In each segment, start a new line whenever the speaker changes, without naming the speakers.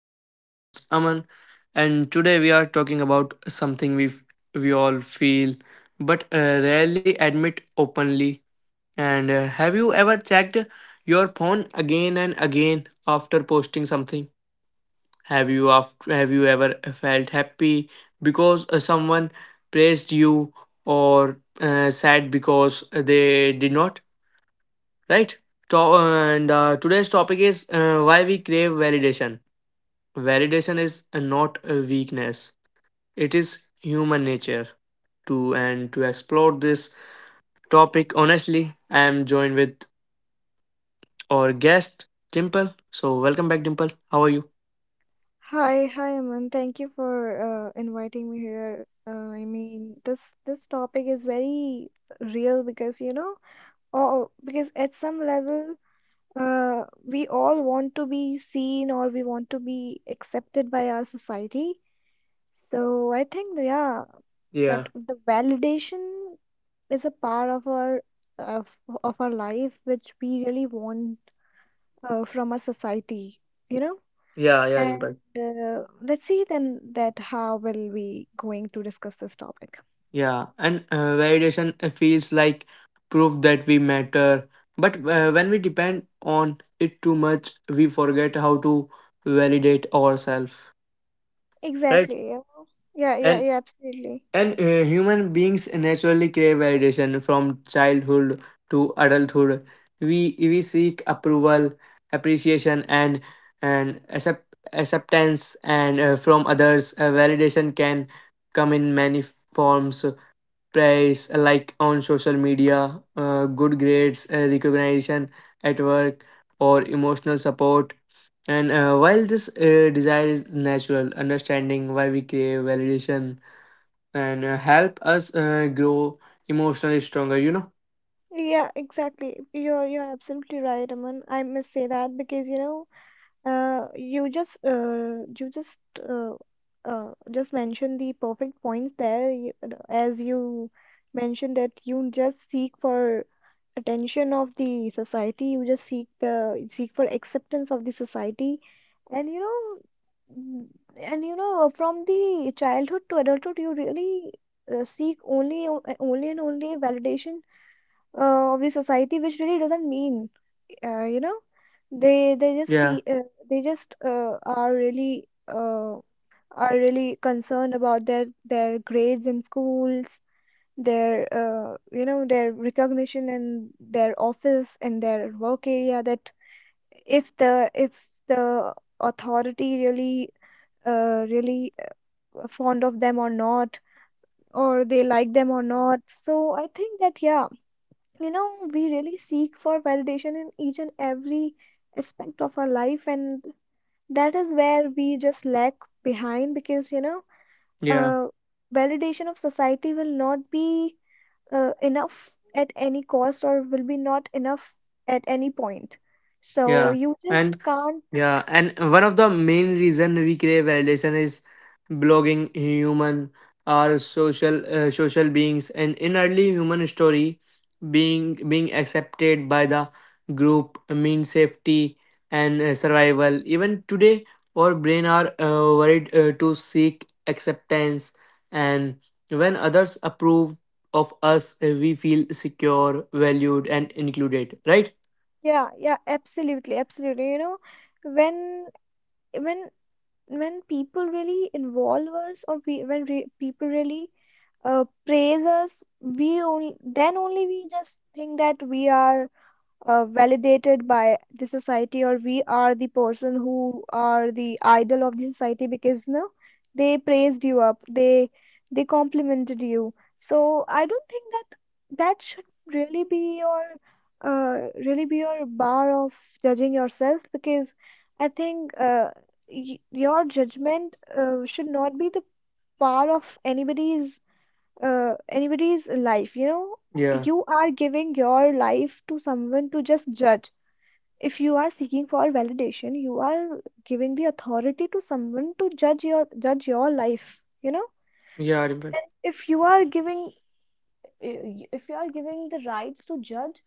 I am your host Aman, and today we are talking about something we all feel but rarely admit openly. And Have you ever checked your phone again and again after posting something? Have you ever felt happy because someone praised you or sad because they did not? Right. to- and Today's topic is why we crave validation. Is not a weakness, it is human nature. To explore this topic honestly, I am joined with our guest Dimple. So welcome back, Dimple, how are you?
Hi, hi, Aman. Thank you for inviting me here. This topic is very real because because at some level, we all want to be seen or we want to be accepted by our society. So I think, yeah,
Yeah,
that the validation is a part of of, of our life which we really want from our society, you know.
yeah, yeah,
And
Dimple.
let's see then that how will we going to discuss this topic.
Yeah and Validation feels like proof that we matter, but when we depend on it too much, we forget how to validate ourselves.
Exactly. Yeah, yeah, yeah,
and
yeah, absolutely.
and uh, human beings naturally crave validation from childhood to adulthood. We seek approval, appreciation, and acceptance, and from others, validation can come in many forms: praise like on social media, good grades, recognition at work, or emotional support. And while this desire is natural, understanding why we crave validation and help us grow emotionally stronger, you know?
Yeah, exactly. You're absolutely right, Aman. I must say that, because you know You just mentioned the perfect points there, you, as you mentioned, that you just seek for attention of the society, you just seek the seek for acceptance of the society. And you know, mm, and you know, from the childhood to adulthood, you really seek only and only validation of the society, which really doesn't mean you know, they just
Yeah,
see they just are really concerned about their grades in schools, their, you know, their recognition in their office, in their work area, that if the authority really really fond of them or not, or they like them or not. So I think that, yeah, you know, we really seek for validation in each and every aspect of our life, and that is where we just lag behind because you know
yeah.
uh, validation of society will not be enough at any cost, or will be not enough at any point, so
Yeah,
you
and
just can't
yeah, and one of the main reason we crave validation is blogging. Human are social social beings, and in early human story, being accepted by the group means safety and survival. Even today, our brain are worried to seek acceptance, and when others approve of us, we feel secure, valued, and included. Right?
yeah, yeah, absolutely, absolutely. You know, when when when people really involve us, when re people really praise us, we only then only we just think that we are validated by the society, or we are the person who are the idol of the society, because no, they praised you up, they complimented you. So I don't think that that should really be your bar of judging yourself, because I think y your judgment should not be the bar of anybody's life, you know,
Yeah.
you are giving your life to someone to just judge. If you are seeking for validation, you are giving the authority to someone to judge your life, you know?
Yeah.
And if you are giving the rights to judge,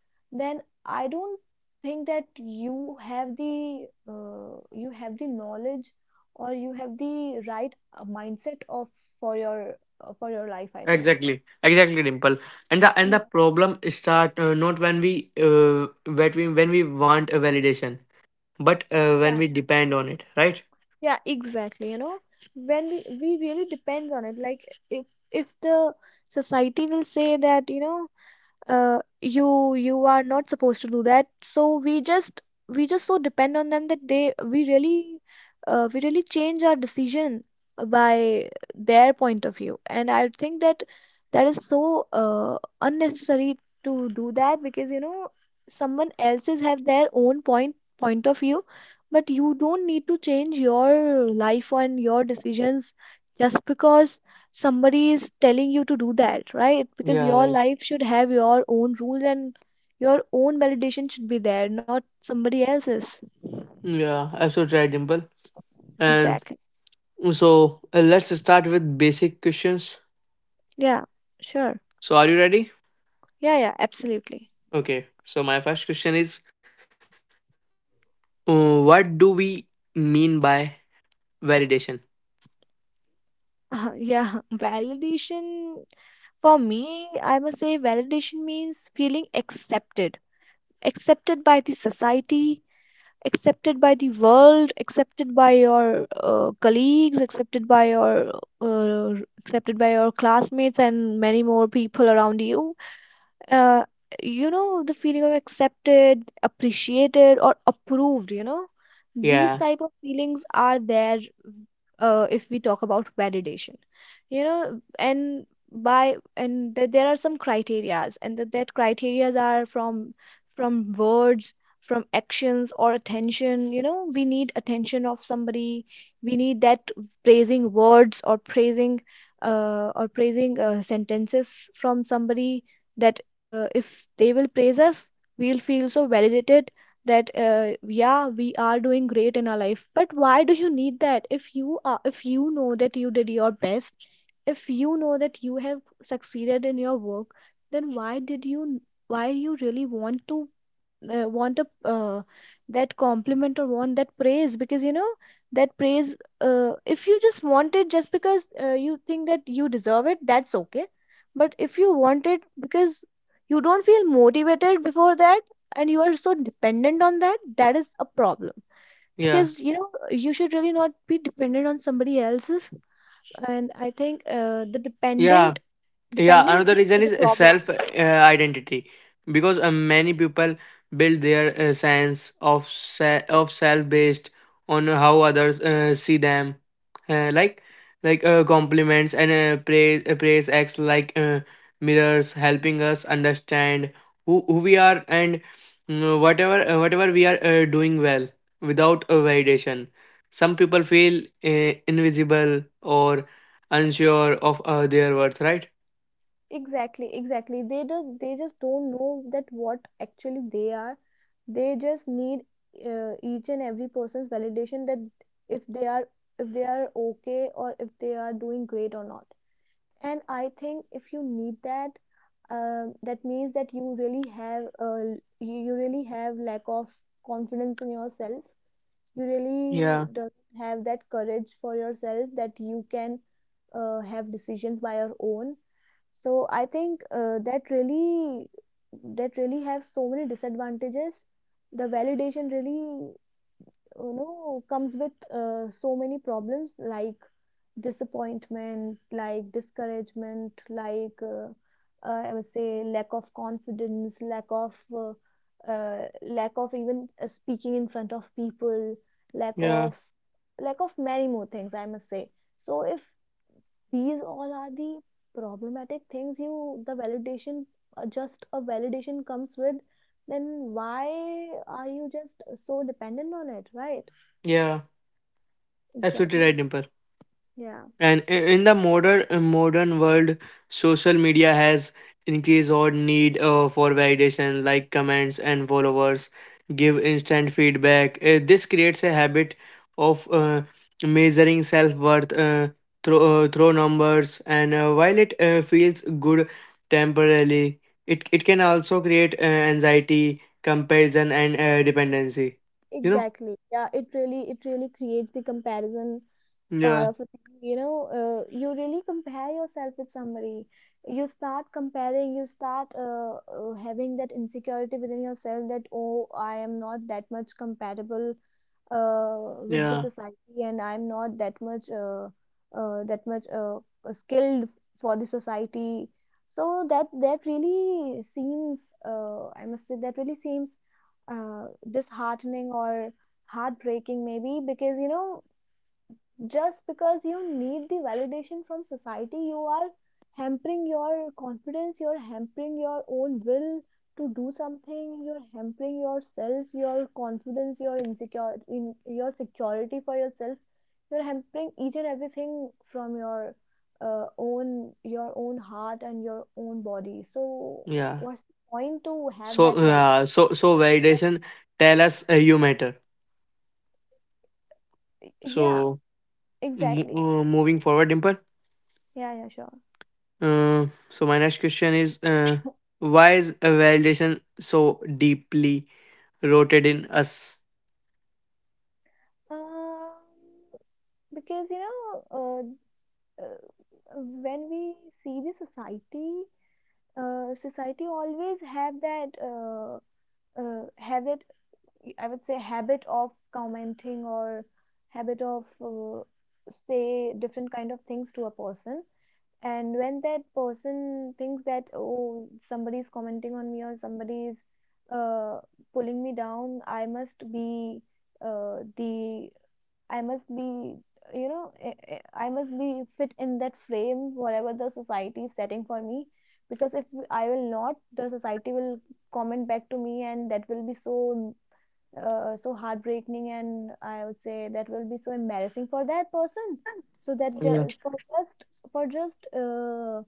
then I don't think that you have the knowledge, or you have the right mindset of for your life, I think.
Exactly, exactly, Dimple. And
Yeah.
the problem start not when we when we when we want a validation, but when we depend on it, right?
Yeah, exactly. You know, when we really depends on it. Like if the society will say that, you know, you are not supposed to do that, so we just so depend on them that they we really change our decision by their point of view. And I think that that is so unnecessary to do that, because you know, someone else's have their own point of view, but you don't need to change your life and your decisions just because somebody is telling you to do that, right? Because
Yeah,
your
right.
life should have your own rules and your own validation should be there, not somebody else's.
Yeah, absolutely right, Dimple. And
Exactly.
so let's start with basic questions.
Yeah, sure.
So are you ready?
Yeah, yeah, absolutely.
Okay. So my first question is, what do we mean by validation?
Yeah, validation for me, I must say, validation means feeling accepted, accepted by the society, accepted by the world, accepted by your colleagues, accepted by your, uh, accepted by your classmates, and many more people around you. uh, you know, the feeling of accepted, appreciated, or approved, you know, these
Yeah,
type of feelings are there if we talk about validation, you know. And by, and there are some criterias, and that criterias are from words, from actions, or attention, you know. We need attention of somebody, we need that praising words or praising, sentences from somebody, that if they will praise us, we'll feel so validated, that yeah, we are doing great in our life. But why do you need that if you are, if you know that you did your best, if you know that you have succeeded in your work, then why you really want to want a that compliment, or want that praise? Because you know that praise if you just want it just because you think that you deserve it, that's okay. But if you want it because you don't feel motivated before that, and you are so dependent on that, that is a problem.
yeah,
Because you know, you should really not be dependent on somebody else's, and I think uh, the
yeah.
dependent
Yeah,
dependent
another
thing
reason
is a
is
problem.
self identity, because many people build their sense of self based on how others see them, uh, like like compliments and praise praise acts like mirrors, helping us understand who we are, and whatever we are doing well without a validation. Some people feel invisible or unsure of their worth, right?
Exactly, exactly. They do, they just don't know that what actually they are. They just need each and every person's validation, that if they are, if they are okay, or if they are doing great or not. And I think if you need that, that means that you really have you really have lack of confidence in yourself, you
Yeah,
really don't have that courage for yourself, that you can have decisions by your own. So I think that really, that really have so many disadvantages. The validation really, you know, comes with so many problems, like disappointment, like discouragement, like I would say lack of confidence, lack of even speaking in front of people, lack
yeah,
of lack of many more things, I must say. So if these all are the problematic things, you the validation just a validation comes with, then why are you just so dependent on it, right?
yeah. Absolutely
Exactly.
right, Dimple.
Yeah.
And in the modern world, social media has increased our need for validation, like comments and followers, give instant feedback. This creates a habit of measuring self worth through through numbers. And while it feels good temporarily, it can also create anxiety, comparison, and dependency. You know?
Exactly. Yeah, it really, it really creates the comparison part
Yeah,
of a thing. You know, you really compare yourself with somebody. You start comparing, you start having that insecurity within yourself, that oh, I am not that much compatible with the
yeah.
society, and I'm not that much uh, that much uh, skilled for the society. So that that really seems I must say that really seems uh, disheartening or heartbreaking, maybe, because you know, just because you need the validation from society, you are hampering your confidence, you're hampering your own will to do something, you're hampering yourself, your confidence, your insecure in your security for yourself. You're hampering each and everything from your own your own heart and your own body. So
Yeah.
what's the point to have
So
that well?
so validation tell us you matter.
Yeah,
So
exactly.
moving forward, Dimple.
Yeah, yeah, sure.
So my next question is, why is a validation so deeply rooted in us?
Um, because you know, uh, when we see the society, society always have that habit, I would say, habit of commenting, or habit of say different kind of things to a person. And when that person thinks that oh, somebody's commenting on me, or somebody's uh, pulling me down, I must be the I must be, you know, I must be fit in that frame, whatever the society is setting for me. Because if I will not, the society will comment back to me, and that will be so, so heartbreaking, and I would say that will be so embarrassing for that person. So that
Yeah.
just for just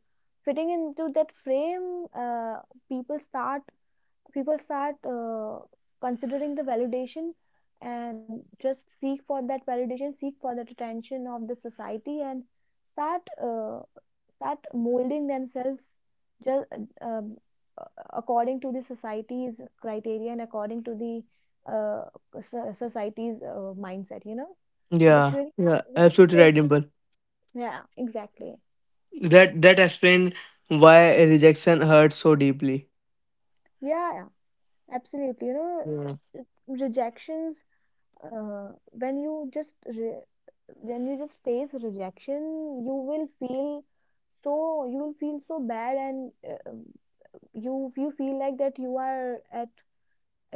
fitting into that frame, uh, people start, people start considering the validation, and just seek for that validation, seek for that attention of the society, and start start molding themselves just um, uh, according to the society's criteria, and according to the uh, society's mindset, you know, which
Yeah.
really,
Yeah.
which
Absolutely
really is,
right, Dimple.
yeah, exactly,
That that explains why rejection hurts so deeply.
yeah, yeah, absolutely. You know,
Yeah.
rejections, uh, when you just re- when you just face rejection, you will feel so, you will feel so bad, and you, you feel like that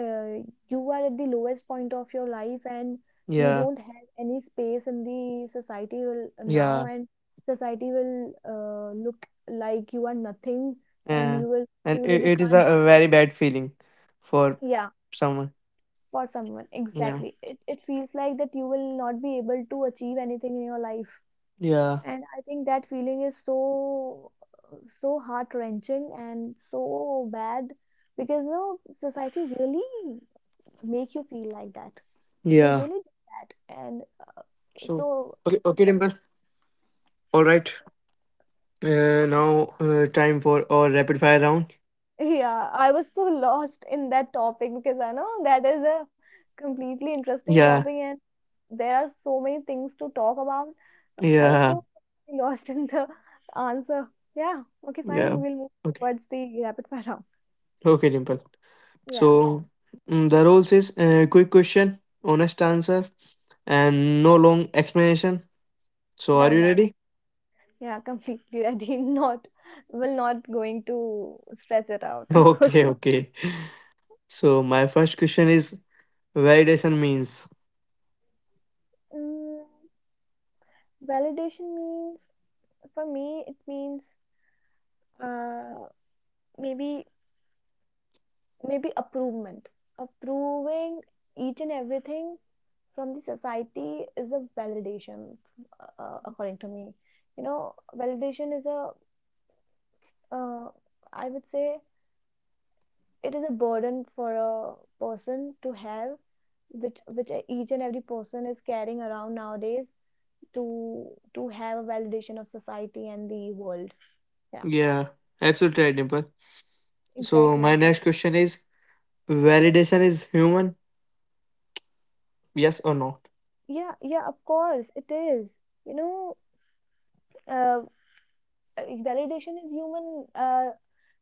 uh, you are at the lowest point of your life, and you
Yeah.
don't have any space in the society will now,
Yeah.
and society will look like you are nothing, and
Yeah.
you will,
And
you
it,
really
it is
can't,
a very bad feeling for
yeah,
someone.
for someone,
Yeah.
exactly, it feels like that you will not be able to achieve anything in your life,
Yeah.
and I think that feeling is so, so heart wrenching and so bad, because no, society really make you feel like that, they
Yeah.
really do that, and
So,
so
okay, okay, Dimple.
uh,
All right. Now, time for our rapid fire round.
yeah, I was so lost in that topic, because I know that is a completely interesting topic,
Yeah,
and there are so many things to talk about. I was
yeah,
so lost in the answer. Yeah, okay,
yeah.
fine. We'll move
Okay,
towards the rapid fire round.
okay, Dimple.
Yeah,
So, the rules is quick question, honest answer, and no long explanation. So, are
done,
you
done.
ready?
Yeah, completely ready. Not, will not going to stretch it out for
Okay,
sure.
okay. So, my first question is validation means.
Mm, Validation means, for me it means, uh maybe maybe approvement, approving each and everything from the society is a validation. According to me, you know, validation is a, uh, I would say, it is a burden for a person to have, which each and every person is carrying around nowadays, to to have a validation of society and the world, yeah.
Yeah, absolutely right, Dimple. So, my
Exactly.
next question is validation is human, yes or not?
Yeah, yeah, of course it is. You know, uh, uh, validation is human.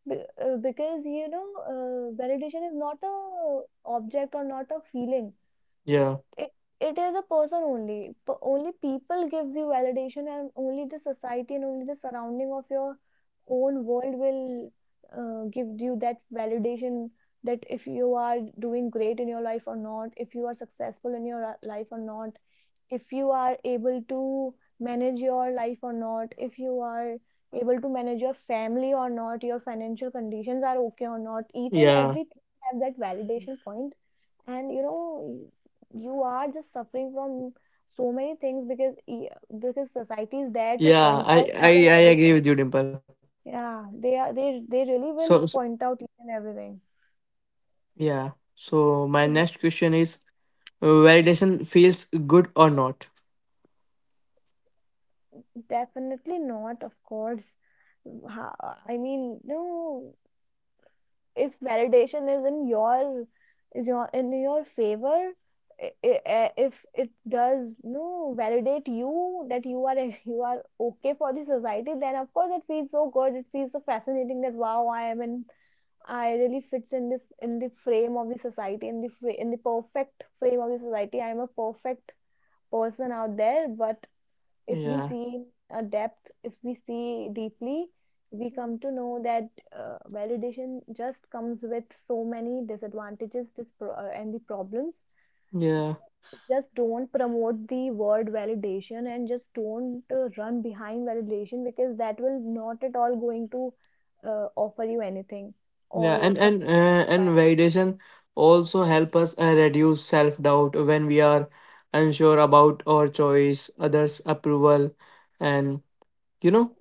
Be Because you know, validation is not a object or not a feeling.
Yeah,
It it is a person only. P only people gives you validation, and only the society and only the surrounding of your own world will, give you that validation. That if you are doing great in your life or not, if you are successful in your, life or not, if you are able to manage your life or not, if you are able to manage your family or not, your financial conditions are okay or not, each and
yeah.
everything have that validation point. And you know, you are just suffering from so many things, because society is there to
Yeah,
point
I
out
I
each and
I agree
everything.
with you, Dimple.
Yeah, they are
So,
they really will point out each and everything.
yeah. So my next question
Exactly.
is validation feels good or not?
Definitely not, of course. I mean, no. If validation is in your, is your, in your favor, if it does no validate you that you are you are okay for the society, then of course it feels so good, it feels so fascinating, that wow, I am in, I really fits in this, in the frame of the society, in the perfect frame of the society. I am a perfect person out there. But if we
Yeah,
see in a depth, if we see deeply, we come to know that, validation just comes with so many disadvantages, and the problems.
yeah,
Just don't promote the word validation, and just don't, run behind validation, because that will not at all going to, offer you anything,
yeah.
or
And and
support
uh,
by
and
any
validation also help us reduce self doubt when we are unsure about our choice, others' approval, and you know,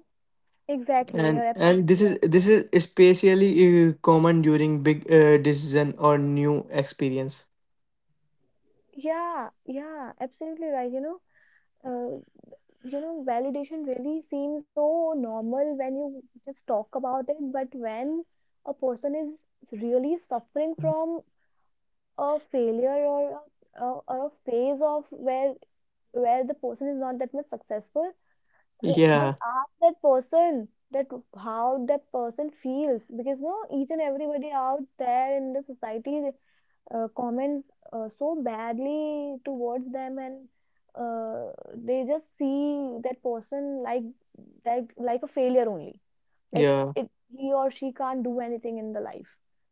point. Exactly, you're
and
absolutely
and this
right.
is this is especially common during big decision or new experience.
Yeah, yeah, absolutely right. Uh, you know, validation really seems so normal when you just talk about it, but when a person is really suffering from a failure, or a phase of, where the person is not that much successful, just
Yeah,
ask that person that how that person feels, because you know, each and everybody out there in the society, comments, so badly towards them. And, they just see that person like, like a failure only, like,
yeah,
it he or she can't do anything in the life,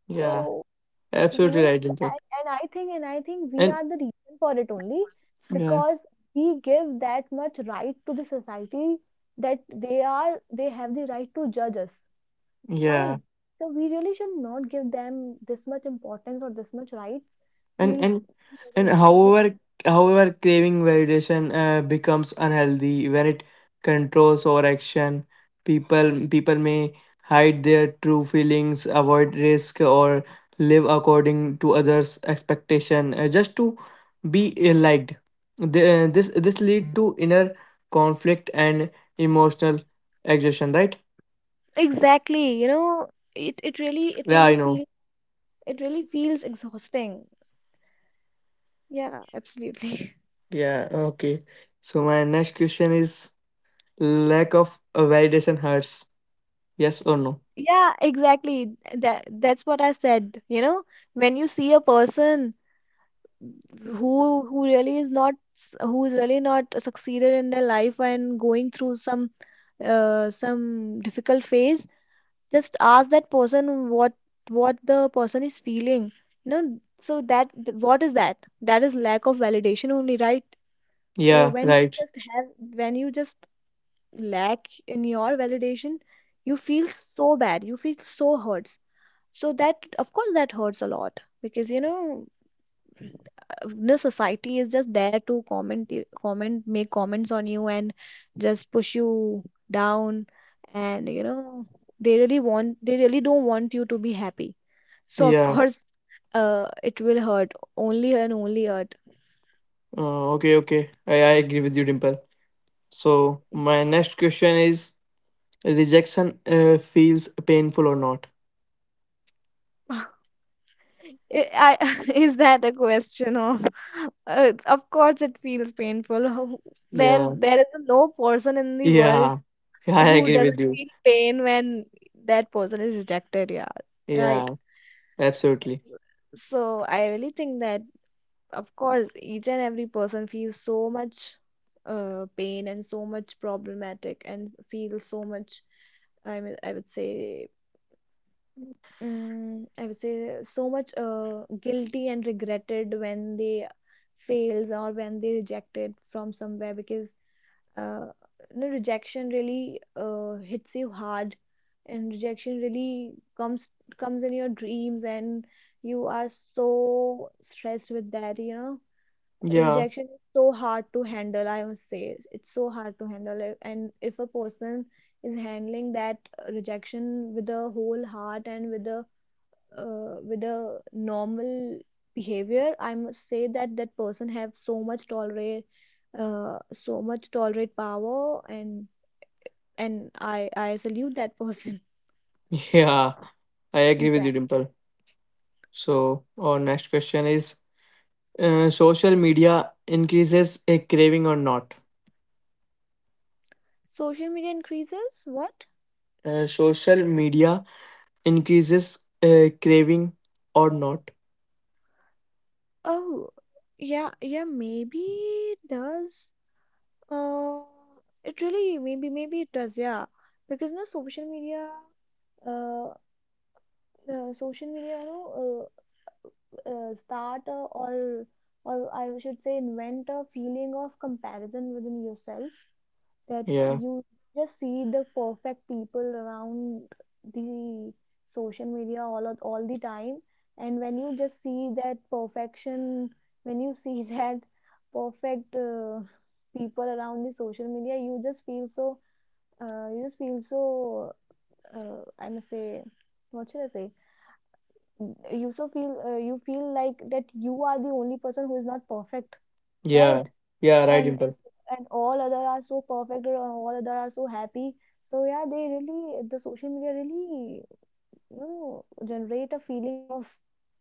yeah.
so you
Absolutely
know.
right, Dimple.
And I think and I think we
And
are the reason for it only,
yeah,
because we give that much right to the society, that they have the right to judge us,
yeah,
fine. So we really should not give them this much importance or this much rights.
and
We
and and
really.
however craving validation becomes unhealthy when it controls our action. People may hide their true feelings, avoid risk, or live according to others' expectation just to be liked. The, this lead to inner conflict and emotional exhaustion. Right?
Exactly, you know, it
Yeah, I know.
it really feels exhausting. Yeah, absolutely.
Yeah, okay. So my next question is lack of validation hurts. Yes or no?
Yeah, exactly. That that's what I said. You know, when you see a person who who really is not, who is really not succeeded in their life, and going through some, some difficult phase, just ask that person what, the person is feeling, you know, so that, what is that, that is lack of validation only, right? So
Yeah,
when
right.
you just have, when you just lack in your validation, you feel so bad, you feel so hurts, so that, of course, that hurts a lot, because you know, the society is just there to, comment you- comment make comments on you, and just push you down. And you know, they really don't want you to be happy, so of
Yeah.
course, it will hurt, only and only hurt.
Okay, okay. I agree with you, Dimple. So my next question is rejection feels painful or not?
I, is that a question of, of course it feels painful. There
Yeah.
there is no person in the world
Yeah. Yeah, I
who
agree with
doesn't
you.
feel pain when that person is rejected, yeah, right?
Yeah, absolutely.
So I really think that, of course each and every person feels so much, pain, and so much problematic, and feels so much, I mean, I would say, I would say so much, guilty and regretted when they fails, or when they rejected from somewhere. Because, uh, you know, rejection really, hits you hard. And rejection really comes in your dreams, and you are so stressed with that, you know.
Yeah.
Rejection is so hard to handle, I must say, it's so hard to handle it. And if a person is handling that, rejection with a whole heart, and with a, with a normal behavior, I must say that that person have so much tolerate, so much tolerate power. And I salute that person.
Yeah, I agree with you,
Exactly.
Dimple. So our next question is social media increases a craving or not?
Social media increases what?
Social media increases craving or not?
Oh, yeah, yeah, maybe it does. uh it really, maybe it does, yeah. Because no, social media, uh, social media, you know, start, or I should say, invent a feeling of comparison within yourself, that
Yeah,
you just see the perfect people around the social media, all the time. And when you just see that perfection, when you see that perfect, people around the social media, you just feel so, you just feel so, I must say, what should I say, you feel like that you are the only person who is not perfect,
yeah,
right?
yeah, right,
and
Impa.
and all other are so perfect, or all other are so happy. So yeah, the social media really, you know, generate a feeling of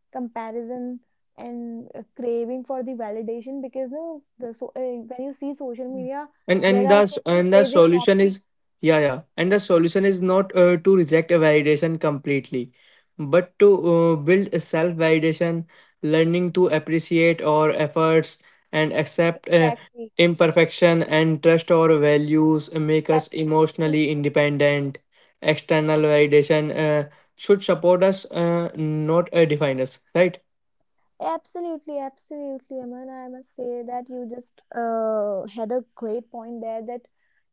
comparison, and, craving for the validation. Because no, the so when you see social media,
and
there
and
are
the
so
s-
many
and the
praising
solution
comments.
is, yeah, yeah, and the solution is not to reject a validation completely, but to build a self validation, learning to appreciate our efforts and accept
Exactly.
imperfection and trust our values. Make us
Absolutely.
emotionally independent. External validation should support us, not define us, right?
Absolutely, absolutely, Aman. I must say that you just, had a great point there, that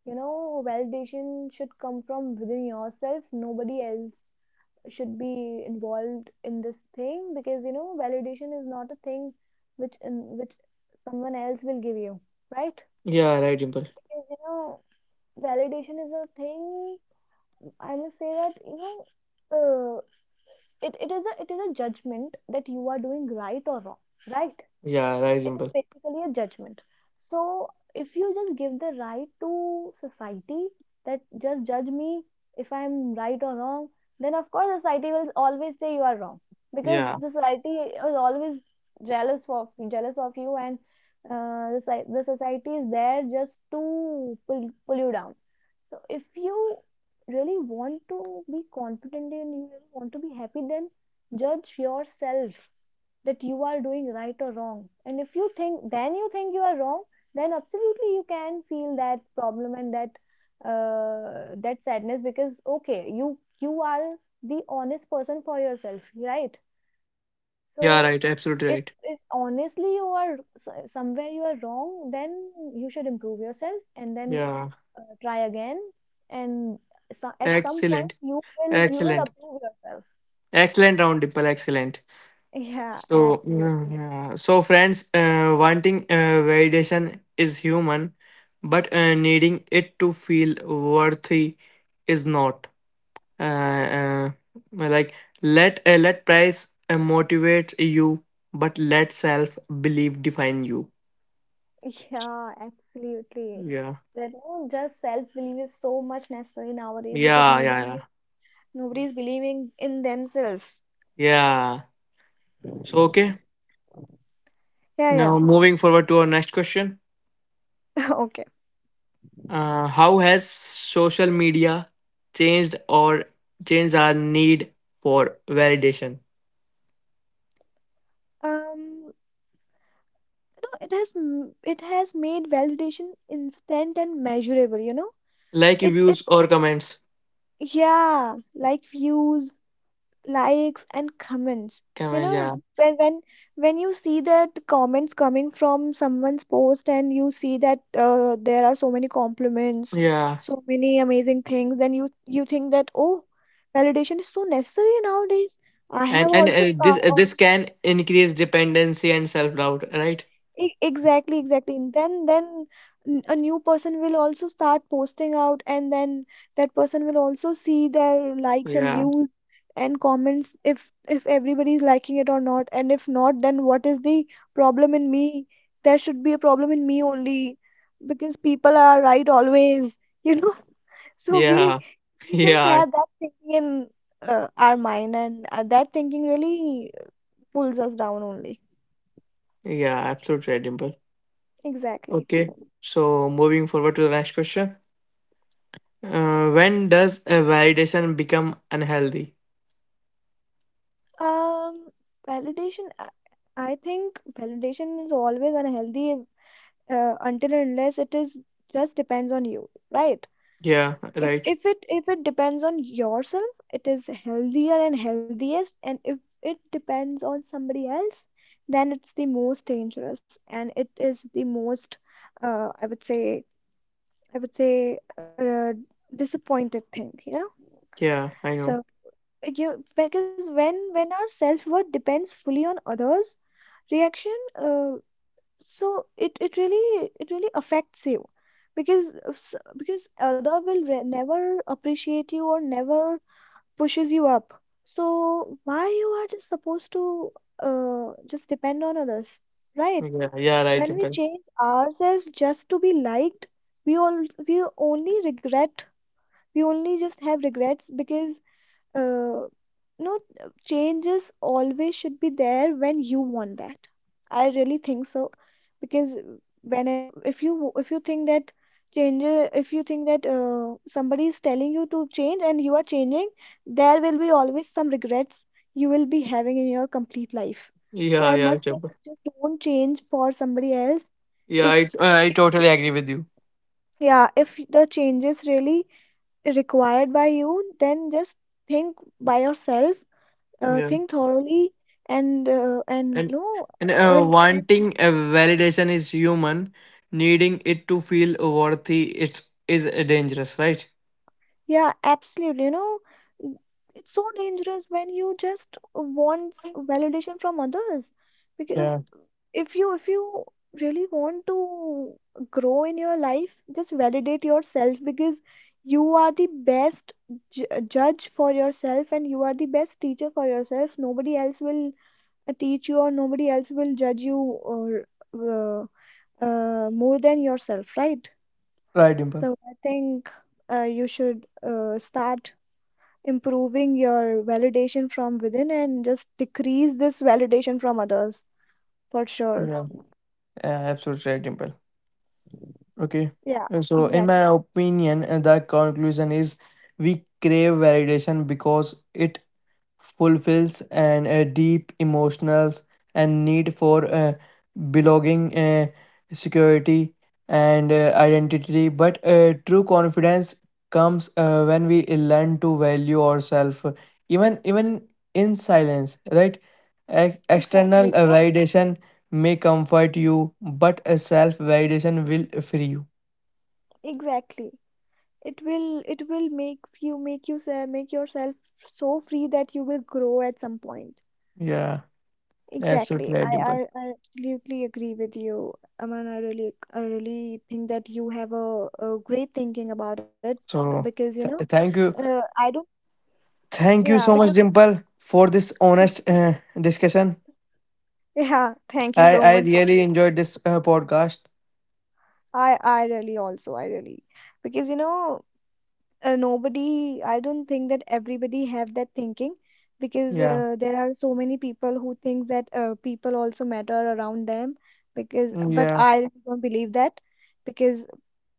you know, validation should come from within yourself. Nobody else should be involved in this thing, because you know, validation is not a thing which someone else will give you, right?
Yeah, right, Dimple.
Because you know, validation is a thing. I must say that, you know, it is a judgment that you are doing right or wrong, right?
Yeah, right,
It is
Dimple.
basically a judgment. So if you just give the right to society, that just judge me if I'm right or wrong, then of course society will always say you are wrong, because
Yeah,
the society is always jealous of you. And, the society is there just to pull you down. So if you really want to be confident, and you really want to be happy, then judge yourself that you are doing right or wrong. And if you think, then you think you are wrong, then absolutely you can feel that problem, and that, that sadness, because okay, you are the honest person for yourself, right?
yeah,
So
right, absolutely
if
right.
if honestly you are, somewhere you are wrong, then you should improve yourself, and then,
Yeah.
try again. And So at some point
Excellent,
you will
excellent,
approve yourself.
excellent round, Dipal. Excellent.
Yeah,
So,
absolutely.
friends, wanting validation is human, but needing it to feel worthy is not. Uh, uh, like let price motivate you, but let self belief define you.
Yeah, absolutely.
Yeah,
That you know, just self-belief is so much necessary nowadays, because
yeah, yeah, yeah,
nobody is believing in themselves.
yeah. So okay,
Yeah,
now moving forward to our next question.
yeah. Okay.
How has social media changed or changed our need for validation,
Um, no, it has made validation instant and measurable, you know?
like
It
views or comments?
Yeah, like views, likes and comments. You
Comments, yeah,
know, when you see that comments coming from someone's post, and you see that, there are so many compliments,
yeah,
so many amazing things, then you think that, oh, validation is so necessary nowadays. I have
and
also,
this can increase dependency and self doubt, right?
Exactly, exactly. And then, a new person will also start posting out, and then that person will also see their likes and
Yeah,
views and comments, if everybody is liking it or not. And if not, then what is the problem in me? There should be a problem in me only, because people are right always, you know. So we
yeah,
we just
yeah,
have that thinking in, our mind, and, that thinking really pulls us down only.
yeah. Absolutely, right, Dimple.
Exactly.
Okay, so moving forward to the next question. When does a validation become unhealthy?
Um, Validation, I think validation is always unhealthy, until and unless it is, just depends on you, right?
Yeah,
If
right.
if it if it depends on yourself, it is healthier and healthiest. And if it depends on somebody else, then it's, uh, say I would say, disappointing, you know?
Yeah, I know.
So you, because when our self-worth depends fully on others, reaction, so, it really it really affects you, because other will, never appreciate you, or never pushes you up. So why you are just supposed to, just depend on others, right?
Yeah, yeah, right,
When we
Dimple.
change ourselves just to be liked, we only regret, we only just have regrets. Because, uh, no changes always should be there when you want that, I really think so. Because whenever, if you think that, changes if you think that, somebody is telling you to change and you are changing, there will be always some regrets you will be having in your complete life. So
Yeah,
I
yeah,
must say
Jabbar.
that just don't change for somebody else.
Yeah,
If
I totally agree with you.
Yeah, if the change is really required by you, then just think by yourself,
Yeah,
think thoroughly. and uh, and
and
no
and
and, and
wanting a validation is human. Needing it to feel worthy it is dangerous, right?
yeah, absolutely, you know. n- it's so dangerous when you just want validation from others. Because
Yeah,
if you really want to grow in your life, just validate yourself, because you are the best, judge for yourself, and you are the best teacher for yourself. Nobody else will, teach you, or nobody else will judge you, or, uh, more than yourself, right?
right, Dimple.
So I think, you should, start improving your validation from within, and just decrease this validation from others, for sure.
Yeah, yeah, absolutely right, Dimple. Okay.
Yeah,
So, in my
exactly.
opinion, the conclusion is we crave validation because it fulfills a deep emotional and need for belonging, security, and identity. But true confidence comes when we learn to value ourselves, even in silence, right?
Exactly.
External
No?
validation may comfort you, but a self validation will free you.
Exactly. It will make yourself so free that you will grow at some point.
Yeah, absolutely
Exactly.
right, Dimple.
I absolutely agree with you. I mean, I really think that you have a, great thinking about it,
So,
because you know,
th- thank you,
I don't,
thank you
yeah,
so
because,
much, Dimple, for this honest discussion.
yeah, thank you so
I
much for
really
it.
enjoyed this podcast.
I really also, I really, Because you know, nobody, I don't think that everybody have that thinking, because,
Yeah,
there are so many people who think that, people also matter around them, because, but
yeah,
I really don't believe that, because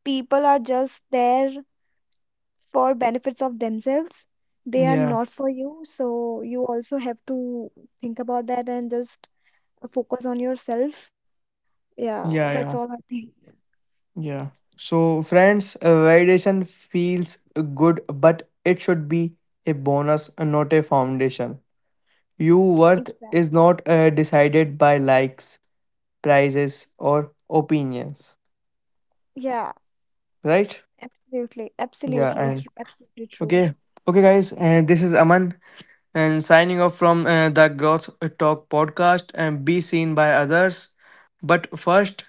people are just there for benefits of themselves, they are
yeah,
not for you. So you also have to think about that, and just focus on yourself. Yeah,
yeah,
that's
yeah,
all I think.
yeah. So, friends, validation feels good, but it should be a bonus, not a foundation. Your worth
Exactly.
is not decided by likes, prices, or opinions,
Yeah,
right?
absolutely,
Yeah.
absolutely,
And
absolutely true.
okay, okay guys, and this is Aman, and signing off from the Growth Talk podcast. And be seen by others, but first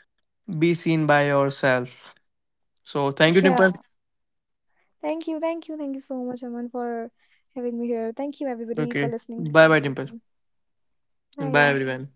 be seen by yourself. So thank you, Dimple.
Yeah, thank you, thank you so much, Aman, for having me here. Thank you everybody for
Okay,
listening to
bye bye,
me.
Dimple.
Bye.
And bye everyone.